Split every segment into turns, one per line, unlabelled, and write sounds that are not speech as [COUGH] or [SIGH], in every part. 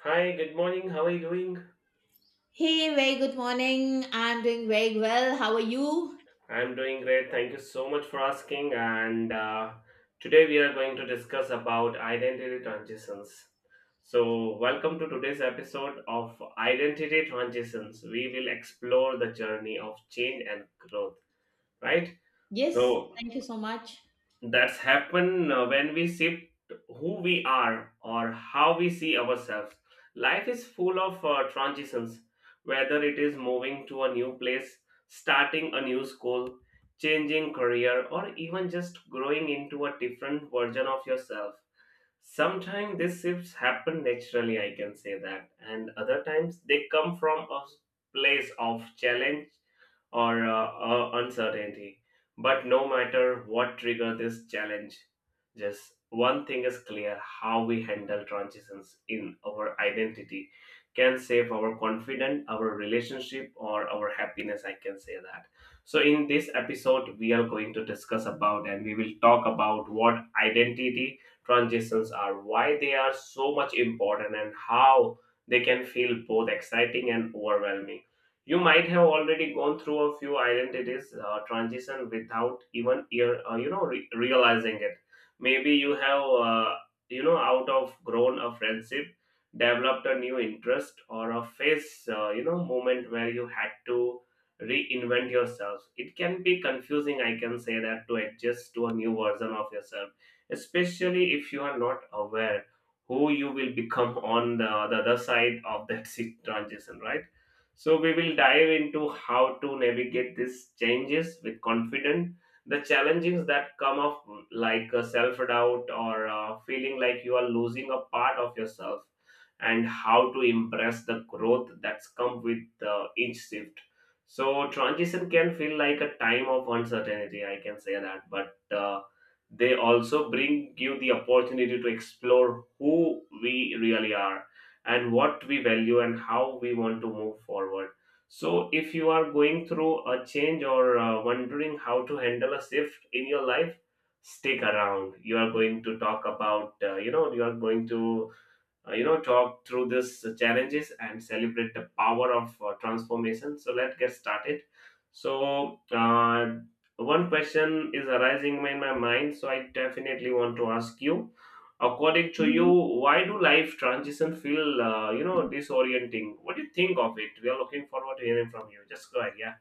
Hi, good morning. How are you doing?
Hey, very good morning. I'm doing very well. How are you?
I'm doing great. Thank you so much for asking. And Today we are going to discuss about identity transitions. So, welcome to today's episode of Identity Transitions. We will explore the journey of change and growth, right?
Yes,
So,
thank you so much.
that's happen when we shift who we are or how we see ourselves. Life is full of transitions, whether it is moving to a new place, starting a new school, changing career, or even just growing into a different version of yourself. Sometimes these shifts happen naturally, I can say that, and other times they come from a place of challenge or uncertainty. But no matter what trigger this challenge, just one thing is clear: how we handle transitions in our identity can save our confidence, our relationship, or our happiness. I can say that. So, in this episode, we are going to discuss about and we will talk about what identity transitions are, why they are so much important, and how they can feel both exciting and overwhelming. You might have already gone through a few identities transition without even ear, you know re- realizing it. Maybe you have out of grown a friendship, developed a new interest, or a phase moment where you had to reinvent yourself. It can be confusing, I can say that, to adjust to a new version of yourself, especially if you are not aware who you will become on the other side of that [LAUGHS] transition, right? So we will dive into how to navigate these changes with confidence, the challenges that come up, like self-doubt or feeling like you are losing a part of yourself, and how to impress the growth that's come with each shift. So transition can feel like a time of uncertainty, I can say that, but they also bring you the opportunity to explore who we really are and what we value and how we want to move forward. So, if you are going through a change or wondering how to handle a shift in your life, stick around. You are going to talk about, you are going to talk through these challenges and celebrate the power of transformation. So let's get started. so uh, One question is arising in my mind, so I definitely want to ask you, according to you, why do life transition feel disorienting? What do you think of it? We are looking forward to hearing from you. Just go ahead. Yeah.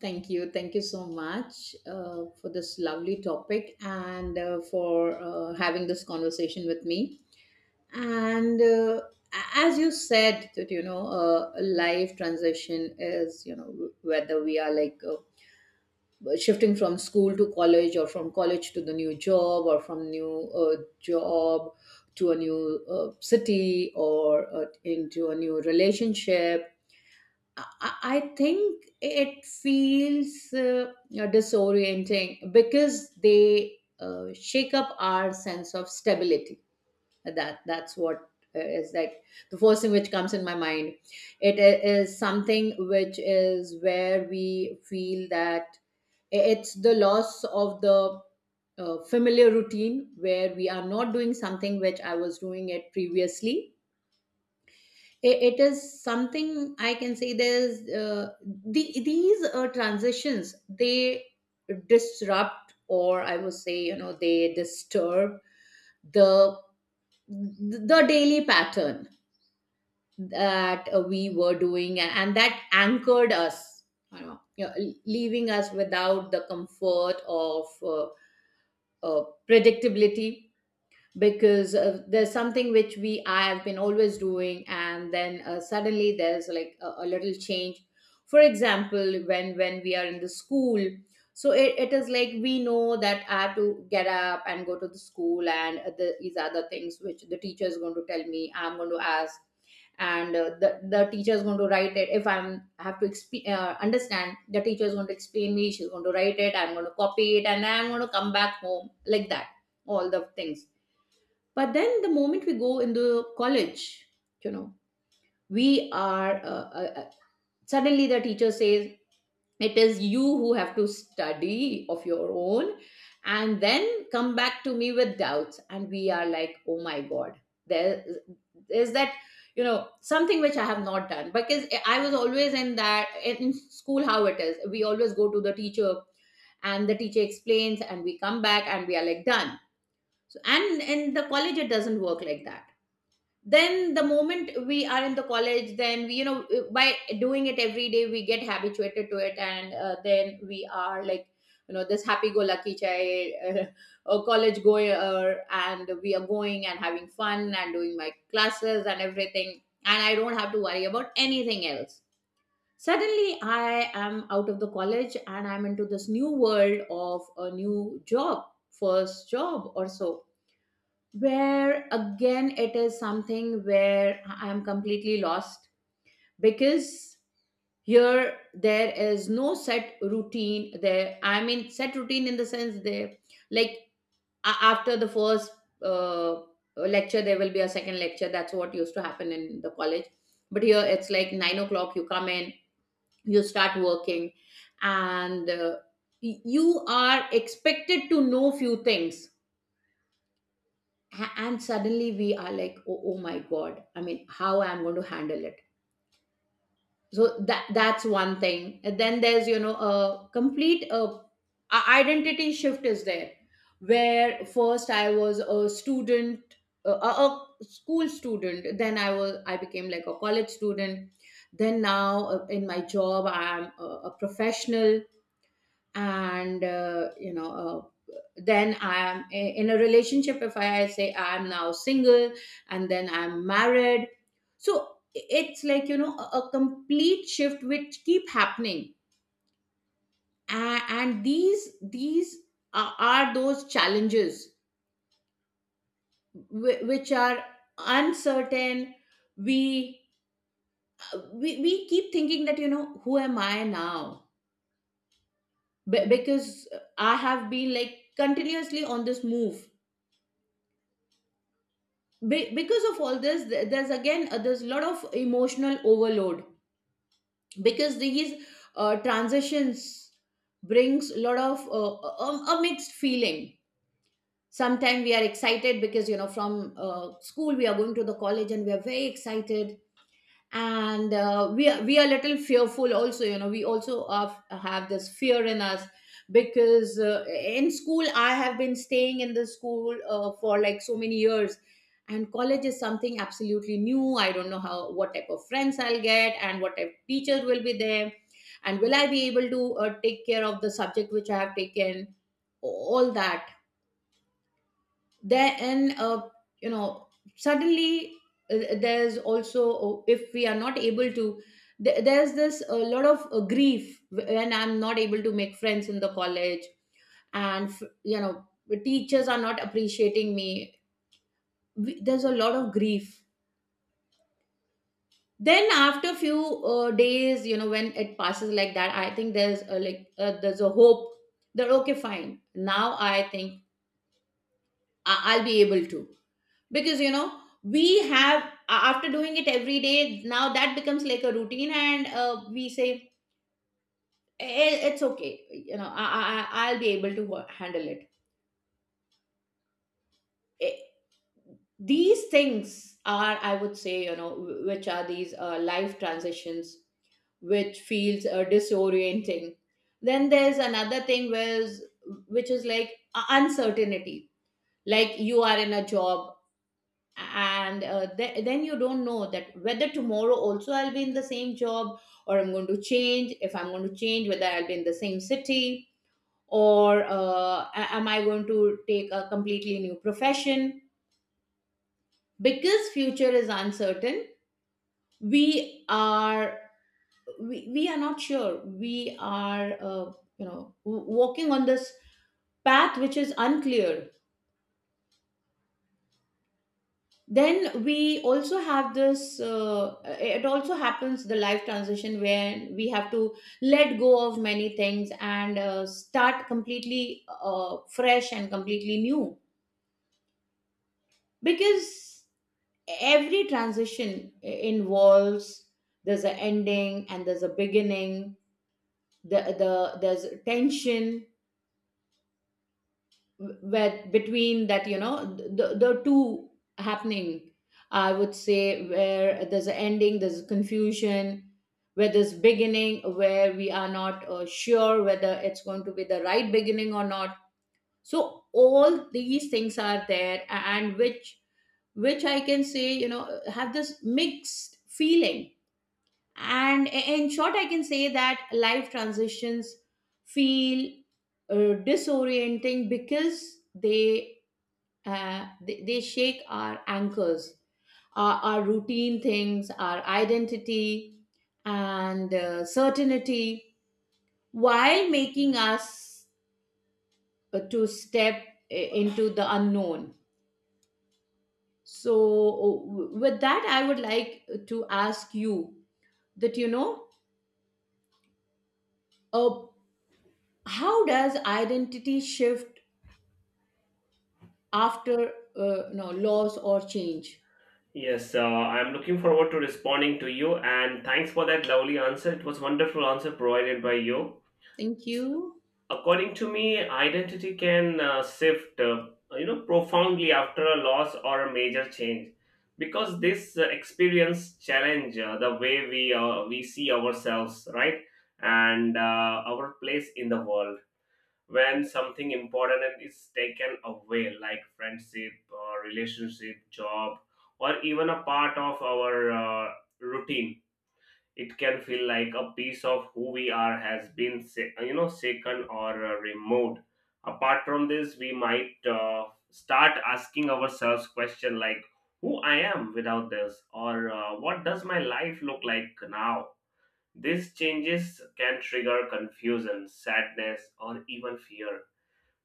Thank you. Thank you so much for this lovely topic and for having this conversation with me. And as you said, that you know, life transition is, you know, whether we are like shifting from school to college, or from college to the new job, or from new job to a new city, or into a new relationship. I think it feels disorienting because they shake up our sense of stability. That's what is like the first thing which comes in my mind. It is something which is where we feel that it's the loss of the familiar routine, where we are not doing something which I was doing it previously. It is something, I can say there's these transitions, they disrupt, or I would say, you know, they disturb the the daily pattern that we were doing and that anchored us, you know, leaving us without the comfort of predictability. Because there's something which we I have been always doing, and then suddenly there's like a little change. For example, when we are in the school, so it is like we know that I have to get up and go to the school, and these are the things which the teacher is going to tell me. I'm going to ask, and the teacher is going to write it. If I have to understand, the teacher is going to explain me. She's going to write it. I'm going to copy it, and I'm going to come back home like that. All the things. But then the moment we go in the college, you know, we are suddenly the teacher says it is you who have to study of your own, and then come back to me with doubts. And we are like, oh my god, there is that, you know, something which I have not done, because I was always in that in school. How it is, we always go to the teacher and the teacher explains, and we come back and we are like done. So, and in the college it doesn't work like that. Then the moment we are in the college, then we, you know, by doing it every day, we get habituated to it, and then we are like, you know, this happy go lucky child, a college goer, and we are going and having fun and doing my classes and everything, and I don't have to worry about anything else. Suddenly I am out of the college and I'm into this new world of a new job, first job or so, where again it is something where I am completely lost. Because here there is no set routine. There, I mean set routine in the sense, there, like after the first uh, lecture there will be a second lecture, that's what used to happen in the college. But here it's like nine o'clock you come in, you start working, and you are expected to know few things. And suddenly we are like, oh, oh my god, I mean, how I'm going to handle it. So that's one thing. And then there's, you know, a complete identity shift is there, where first I was a student, a school student, then I was, I became like a college student, then now in my job I'm a professional. And you know, then I am in a relationship. If I say I am now single, and then I'm married. So it's like, you know, a complete shift which keep happening. And these are those challenges which are uncertain. We, we we keep thinking that, you know, who am I now? Because I have been like continuously on this move. Because of all this, there's again there's a lot of emotional overload, because these transitions brings a lot of a mixed feeling. Sometimes we are excited because, you know, from school we are going to the college and we are very excited. And we are a little fearful also, you know, we also have this fear in us. Because in school I have been staying in the school for like so many years, and college is something absolutely new. I don't know how, what type of friends I'll get, and what type of teachers will be there, and will I be able to take care of the subject which I have taken, all that. Then and you know, suddenly, there's also, oh, if we are not able to, there's this a lot of grief when I'm not able to make friends in the college, and you know, the teachers are not appreciating me. There's a lot of grief. Then after a few days, you know, when it passes like that, I think there's like there's a hope that, okay, fine, now I think I'll be able to, because, you know, we have after doing it every day, now that becomes like a routine. And we say, "Eh, it's okay, you know, I'll be able to handle it. Eh, these things are, I would say, you know, which are these life transitions which feels disorienting. Then there's another thing where's, which is like uncertainty. Like you are in a job, and then you don't know that whether tomorrow also I'll be in the same job, or I'm going to change. If I'm going to change, whether I'll be in the same city, or am I going to take a completely new profession? Because future is uncertain. we are we are not sure. We are you know, walking on this path which is unclear. Then we also have this, it also happens, the life transition where we have to let go of many things, and start completely fresh and completely new. Because every transition involves, there's an ending and there's a beginning. There's tension where between that, you know, the two happening, I would say, where there's an ending there's confusion, where there's beginning where we are not sure whether it's going to be the right beginning or not. So all these things are there, and which I can say, you know, have this mixed feeling. And in short, I can say that life transitions feel disorienting because they they shake our anchors, our routine things, our identity, and certainty, while making us to step into the unknown. So, with that, I would like to ask you that, you know, uh, how does identity shift after no loss or change?
Yes, I'm looking forward to responding to you, and thanks for that lovely answer. It was wonderful answer provided by you.
Thank you.
According to me, identity can shift profoundly after a loss or a major change, because this experience challenge the way we see ourselves, right? And our place in the world. When something important is taken away, like friendship or relationship, job, or even a part of our uh, routine, it can feel like a piece of who we are has been shaken or removed. Apart from this, we might start asking ourselves question like who I am without this or what does my life look like now. These changes can trigger confusion, sadness, or even fear,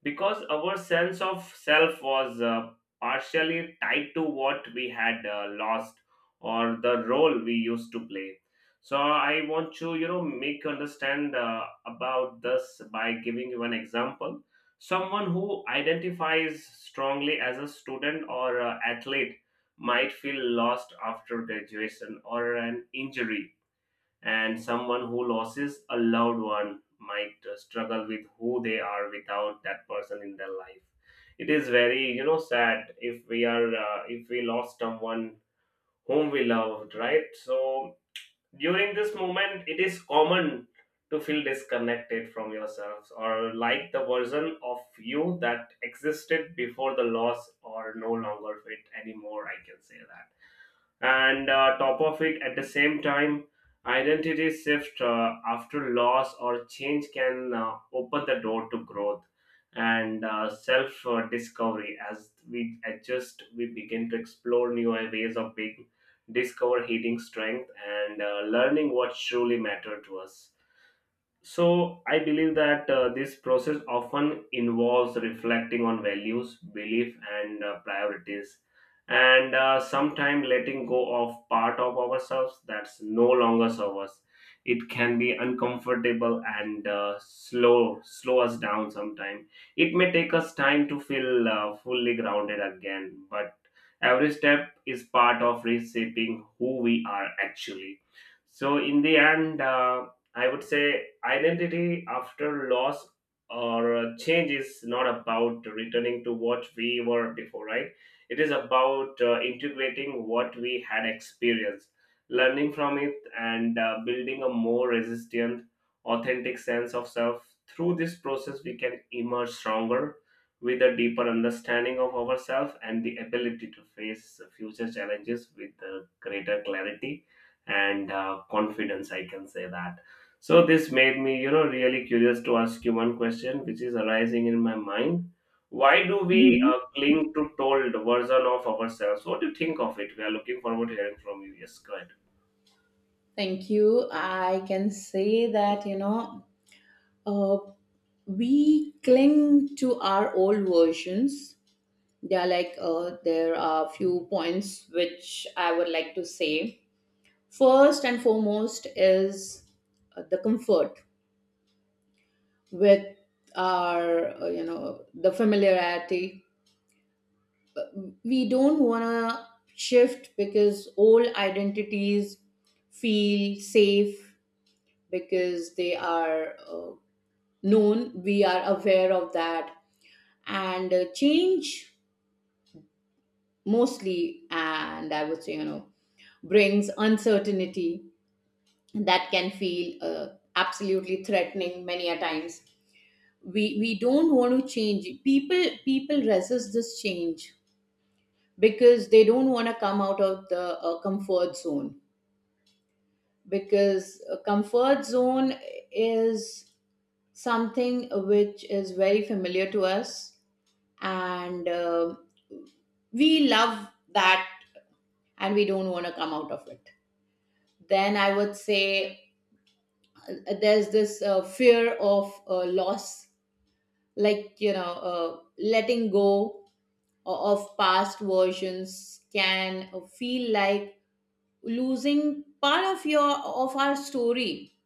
because our sense of self was partially tied to what we had lost or the role we used to play. So I want to, you know, make you understand about this by giving you an example. Someone who identifies strongly as a student or athlete might feel lost after graduation or an injury, and someone who loses a loved one might struggle with who they are without that person in their life. It is very, you know, sad if we are if we lost someone whom we loved, right? So during this moment, it is common to feel disconnected from yourselves, or like the version of you that existed before the loss or no longer fit anymore, I can say that. And top of it, at the same time, identity shift after loss or change can open the door to growth and self discovery. As we adjust, we begin to explore new ways of being, discover hidden strength, and learning what truly matter to us. So, I believe that this process often involves reflecting on values, belief, and priorities, and sometimes letting go of part of ourselves that's no longer serves us. It can be uncomfortable and slow us down sometimes. It may take us time to feel fully grounded again, but every step is part of reshaping who we are actually. So, in the end, I would say identity after loss or change is not about returning to what we were before, right? It is about integrating what we had experienced, learning from it, and building a more resilient, authentic sense of self. Through this process, we can emerge stronger with a deeper understanding of ourselves and the ability to face future challenges with greater clarity and confidence. I can say that. So this made me, you know, really curious to ask you one question, which is arising in my mind. Why do we
Mhm.
cling to told version of ourselves? What do you think of it? We are looking forward to hearing from you. Yes, go ahead.
Thank you. I can say that, you know, uh, we cling to our old versions. Yeah, like there are few points which I would like to say. First and foremost is the comfort with our, you know, the familiarity. We don't want to shift, because old identities feel safe because they are known. We are aware of that, and change mostly, and I would say, brings uncertainty that can feel absolutely threatening many a times. We don't want to change. People resist this change because they don't want to come out of the comfort zone, because a comfort zone is something which is very familiar to us, and we love that and we don't want to come out of it. Then I would say, uh, there's this fear of loss, like, letting go of past versions can feel like losing part of your, of our story.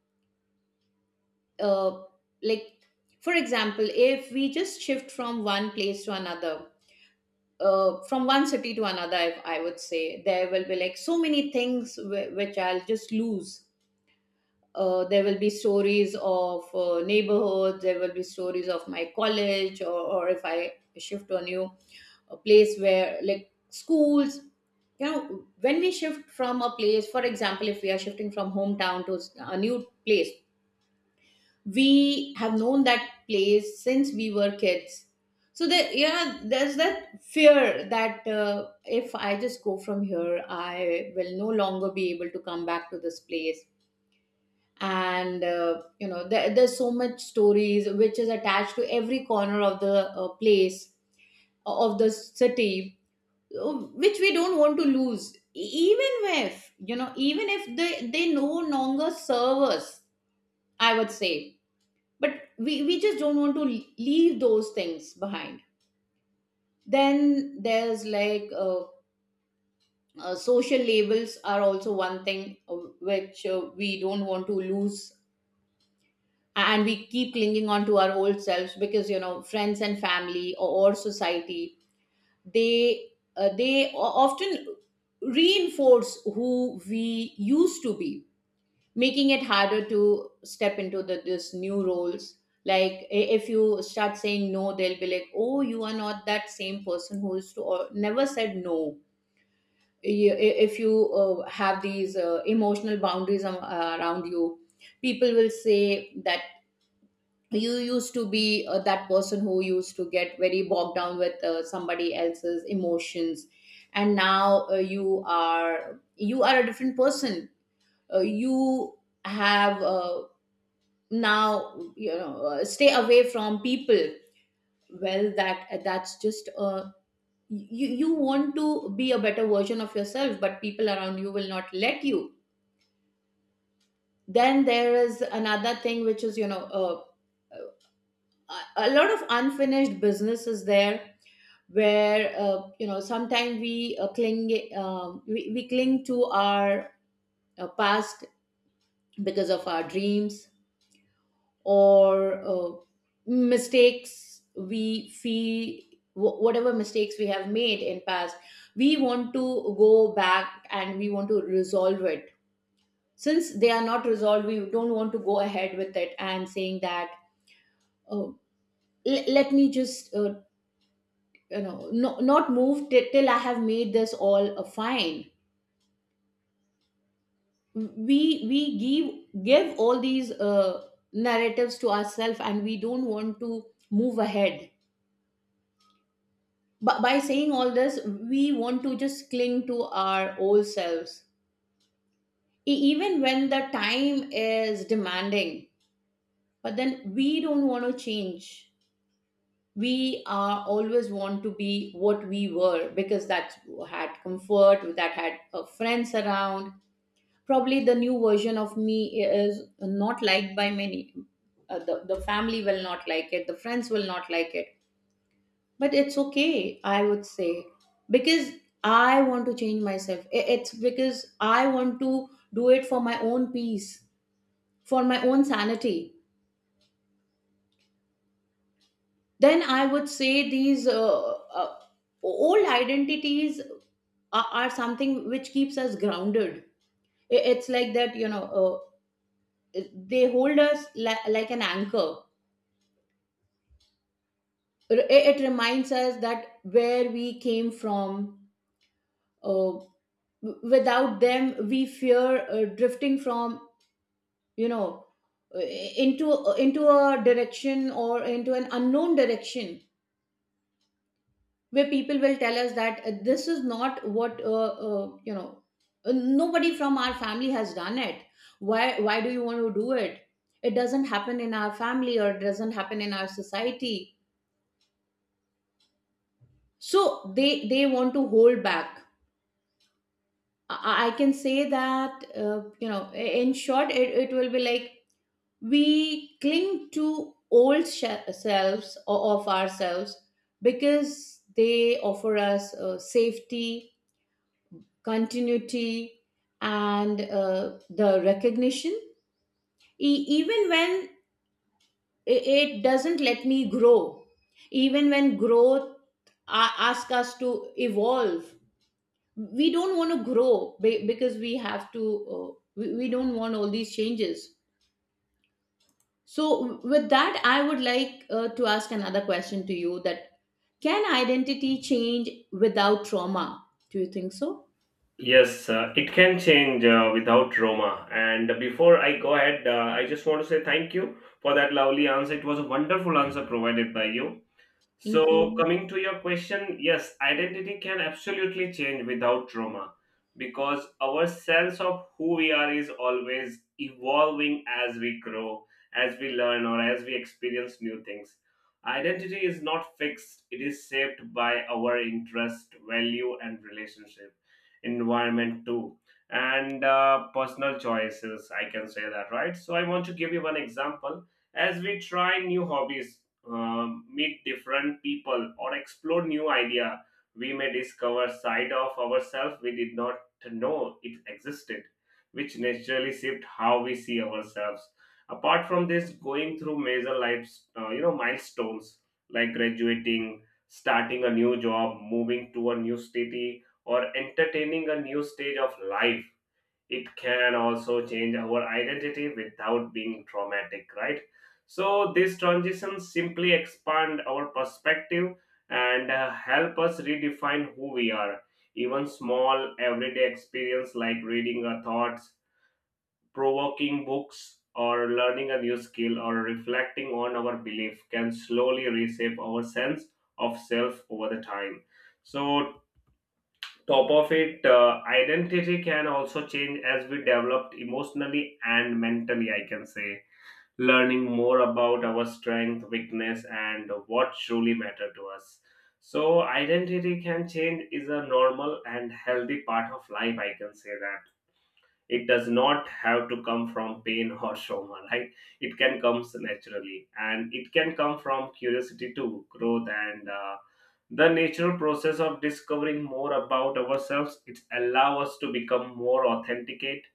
uh, like, for example, if we just shift from one place to another, from one city to another, I would say there will be like so many things which I'll just lose. There will be stories of neighborhoods, there will be stories of my college, or if I shift to a new, a place where, like, schools, you know. When we shift from a place, for example, if we are shifting from hometown to a new place, we have known that place since we were kids. So there, yeah, there's that fear that, if I just go from here, I will no longer be able to come back to this place. And you know, there's so much stories which is attached to every corner of the place, of the city, which we don't want to lose. Even if, you know, even if they no longer serve us, I would say. But we just don't want to leave those things behind. Then there's like, social labels are also one thing, which we don't want to lose, and we keep clinging on to our old selves, because, you know, friends and family, or society, they they often reinforce who we used to be, making it harder to step into the this new roles. Like, if you start saying no, they'll be like, oh, you are not that same person who used to, or never said no. If you have these emotional boundaries, around you, people will say that you used to be that person who used to get very bogged down with somebody else's emotions, and now you are, you are a different person. You have now, stay away from people. Well, that's just you, you want to be a better version of yourself, but people around you will not let you. Then there is another thing, which is, a lot of unfinished business is there, where, you know, sometimes we cling, we cling to our past because of our dreams, or mistakes, we feel, whatever mistakes we have made in past, we want to go back and we want to resolve it. Since they are not resolved, we don't want to go ahead with it, and saying that, oh, let me just you know, no, not move till I have made this all fine. We give all these narratives to ourselves, and we don't want to move ahead. But by saying all this, we want to just cling to our old selves, even when the time is demanding. But then we don't want to change. We are always want to be what we were, because that had comfort, that had friends around. Probably the new version of me is not liked by many. The family will not like it, the friends will not like it. But it's okay, I would say, because I want to change myself. It's because I want to do it for my own peace, for my own sanity. Then I would say, these uh, old identities are something which keeps us grounded. It's like that, you know, they hold us, like an anchor. It reminds us that where we came from. uh, Without them, we fear drifting from, you know, uh, into, into a direction, or into an unknown direction, where people will tell us that, this is not what, uh, you know nobody from our family has done it. Why do you want to do it? It doesn't happen in our family, or it doesn't happen in our society. So they want to hold back. I can say that, in short, it will be like, we cling to old selves of ourselves, because they offer us safety, continuity, and the recognition. Even when it doesn't let me grow, even when growth asks us to evolve, we don't want to grow, because we have to, we don't want all these changes. So with that, I would like to ask another question to you, that can identity change without trauma, do you think so?
Yes, it can change without trauma. And before I go ahead, I just want to say thank you for that lovely answer. It was a wonderful answer provided by you.
Thank
So,
you.
coming to your question, yes, identity can absolutely change without trauma, because our sense of who we are is always evolving as we grow, as we learn, or as we experience new things. Identity is not fixed, it is shaped by our interest, value, and relationship, environment, too, and personal choices. I can say that, right? So, I want to give you one example. As we try new hobbies, meet different people or explore new idea, we may discover side of ourselves we did not know it existed, which naturally shift how we see ourselves. Apart from this, going through major life milestones like graduating, starting a new job, moving to a new city, or entertaining a new stage of life, it can also change our identity without being traumatic, right? So these transitions simply expand our perspective and help us redefine who we are. Even small everyday experience, like reading our thoughts provoking books or learning a new skill or reflecting on our belief, can slowly reshape our sense of self over the time. So top of it, identity can also change as we developed emotionally and mentally, I can say, learning more about our strength, weakness, and what truly matter to us. So identity can change is a normal and healthy part of life, I can say that. It does not have to come from pain or trauma, right? It can come naturally, and it can come from curiosity to growth and the natural process of discovering more about ourselves. It allows us to become more authenticate,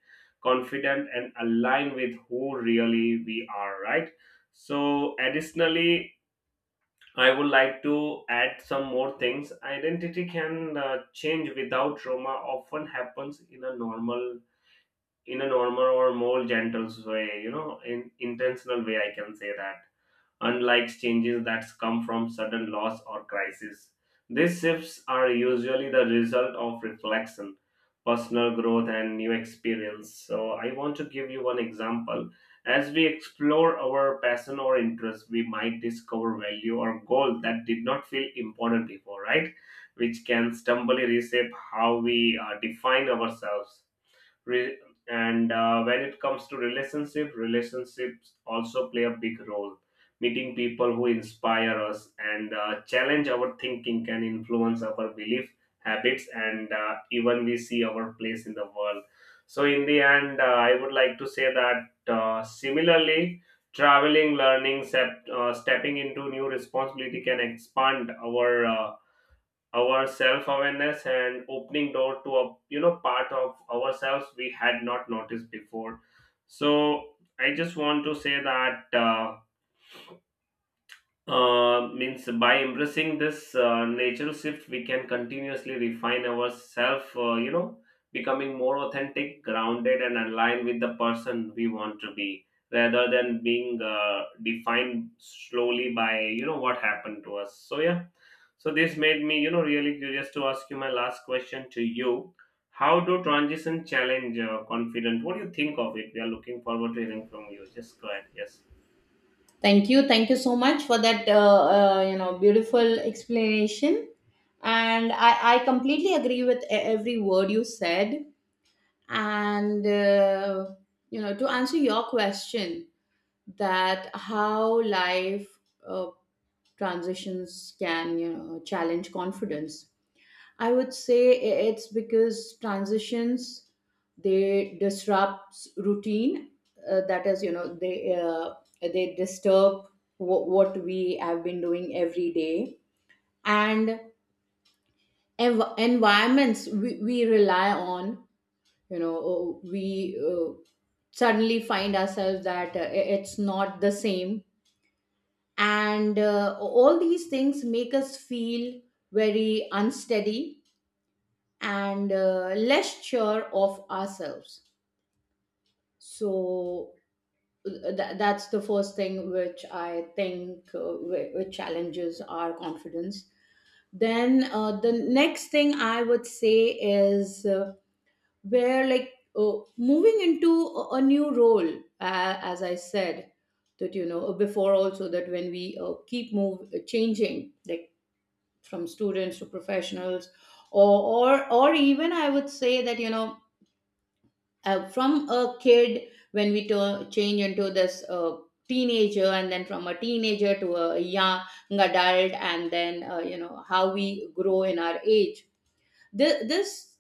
confident, and aligned with who really we are, right? So additionally, I would like to add some more things. Identity can change without trauma often happens in a normal or more gentle way, you know, in intentional way, I can say that. Unlike changes that come from sudden loss or crisis, these shifts are usually the result of reflection, personal growth, and new experience. So, I want to give you one example. As we explore our passion or interest, we might discover value or goal that did not feel important before, right? Which can stumbly reshape how we define ourselves. Re- and when it comes to relationships, also play a big role. Meeting people who inspire us and challenge our thinking can influence our belief, habits, and even we see our place in the world. So in the end, I would like to say that, similarly, traveling, learning, stepping into new responsibility can expand our self-awareness and opening door to a, you know, part of ourselves we had not noticed before. So I just want to say that means by embracing this natural shift, we can continuously refine ourselves, you know, becoming more authentic, grounded, and aligned with the person we want to be, rather than being defined slowly by, you know, what happened to us. So, yeah. So, this made me, you know, really curious to ask you my last question to you. How do transition challenge confidence? What do you think of it? We are looking forward to hearing from you. Just go ahead. Yes.
Thank you. Thank you so much for that beautiful explanation, and I completely agree with every word you said. And you know, to answer your question, that how life uh, transitions can, you know, challenge confidence. I would say it's because transitions, they disrupt routine, that is, you know, they disturb what we have been doing every day, and environments we rely on, you know. Oh, we uh, suddenly find ourselves that, it's not the same, and all these things make us feel very unsteady and less sure of ourselves. So, that's the first thing which I think which challenges our confidence. Then the next thing I would say is, where, like, moving into a new role, as I said, that you know before also, that when we keep move changing, like, from students to professionals, or even I would say that, you know, from a kid, when we change into this teenager, and then from a teenager to a young adult, and then you know, how we grow in our age. This,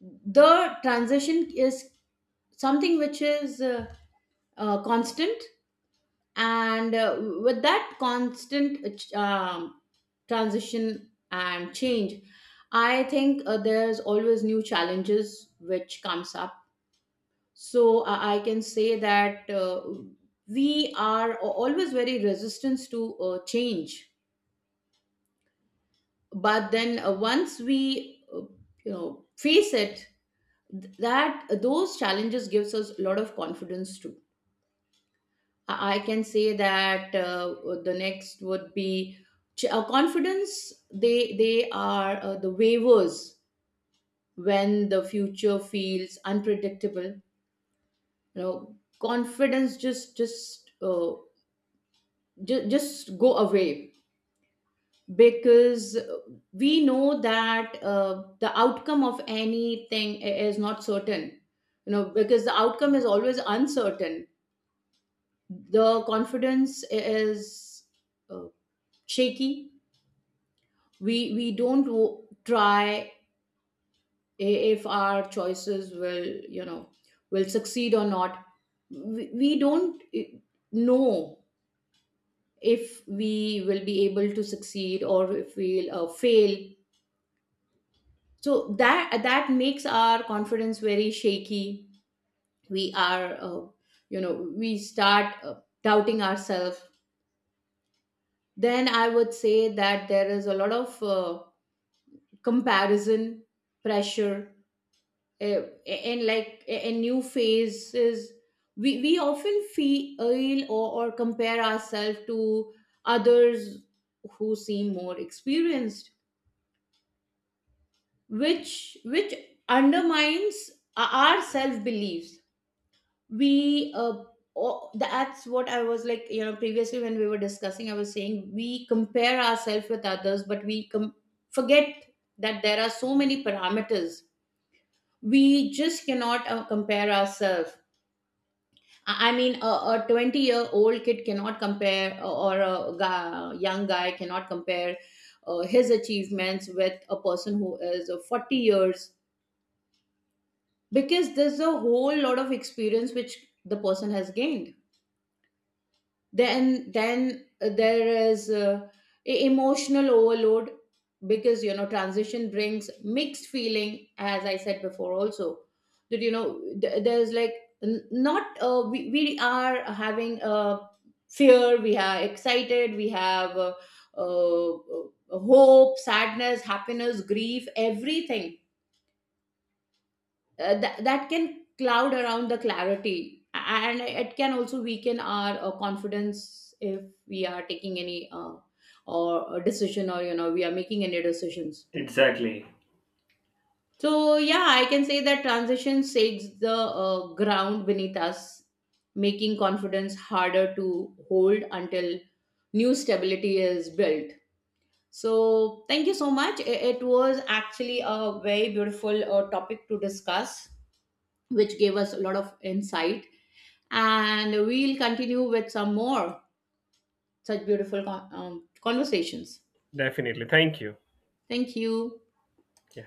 the transition is something which is constant, and with that constant transition and change, I think there's always new challenges which comes up. So I can say that, we are always very resistant to change. But then once we you know, face it, that those challenges gives us a lot of confidence too. I can say that. The next would be confidence. They are the waivers when the future feels unpredictable. You know, confidence just just go away, because we know that the outcome of anything is not certain. You know, because the outcome is always uncertain. The confidence is uh, shaky. We don't try if our choices will, you know, will succeed or not. We don't know if we will be able to succeed, or if we'll fail. So that makes our confidence very shaky. We are we start doubting ourselves. Then I would say that there is a lot of comparison pressure, and like a new phases. We often feel, or compare ourselves to others who seem more experienced, which undermines our self beliefs. We that's what I was, like, you know, previously, when we were discussing, I was saying we compare ourselves with others, but we forget that there are so many parameters, we just cannot compare ourselves. I mean, a 20-year-old kid cannot compare, or a young guy cannot compare his achievements with a person who is 40 years, because there's a whole lot of experience which the person has gained. Then There is emotional overload, because, you know, transition brings mixed feeling, as I said before also, that you know, there's like, not, we are having fear, we are excited, we have uh, uh, hope, sadness, happiness, grief, everything. That can cloud around the clarity, and it can also weaken our confidence, if we are taking any or a decision, or, you know, we are making any decisions.
Exactly.
So yeah, I can say that transition shakes the ground beneath us, making confidence harder to hold until new stability is built. So thank you so much. It was actually a very beautiful topic to discuss, which gave us a lot of insight. And we'll continue with some more such beautiful conversations.
Definitely. Thank you.
Thank you.
Yeah.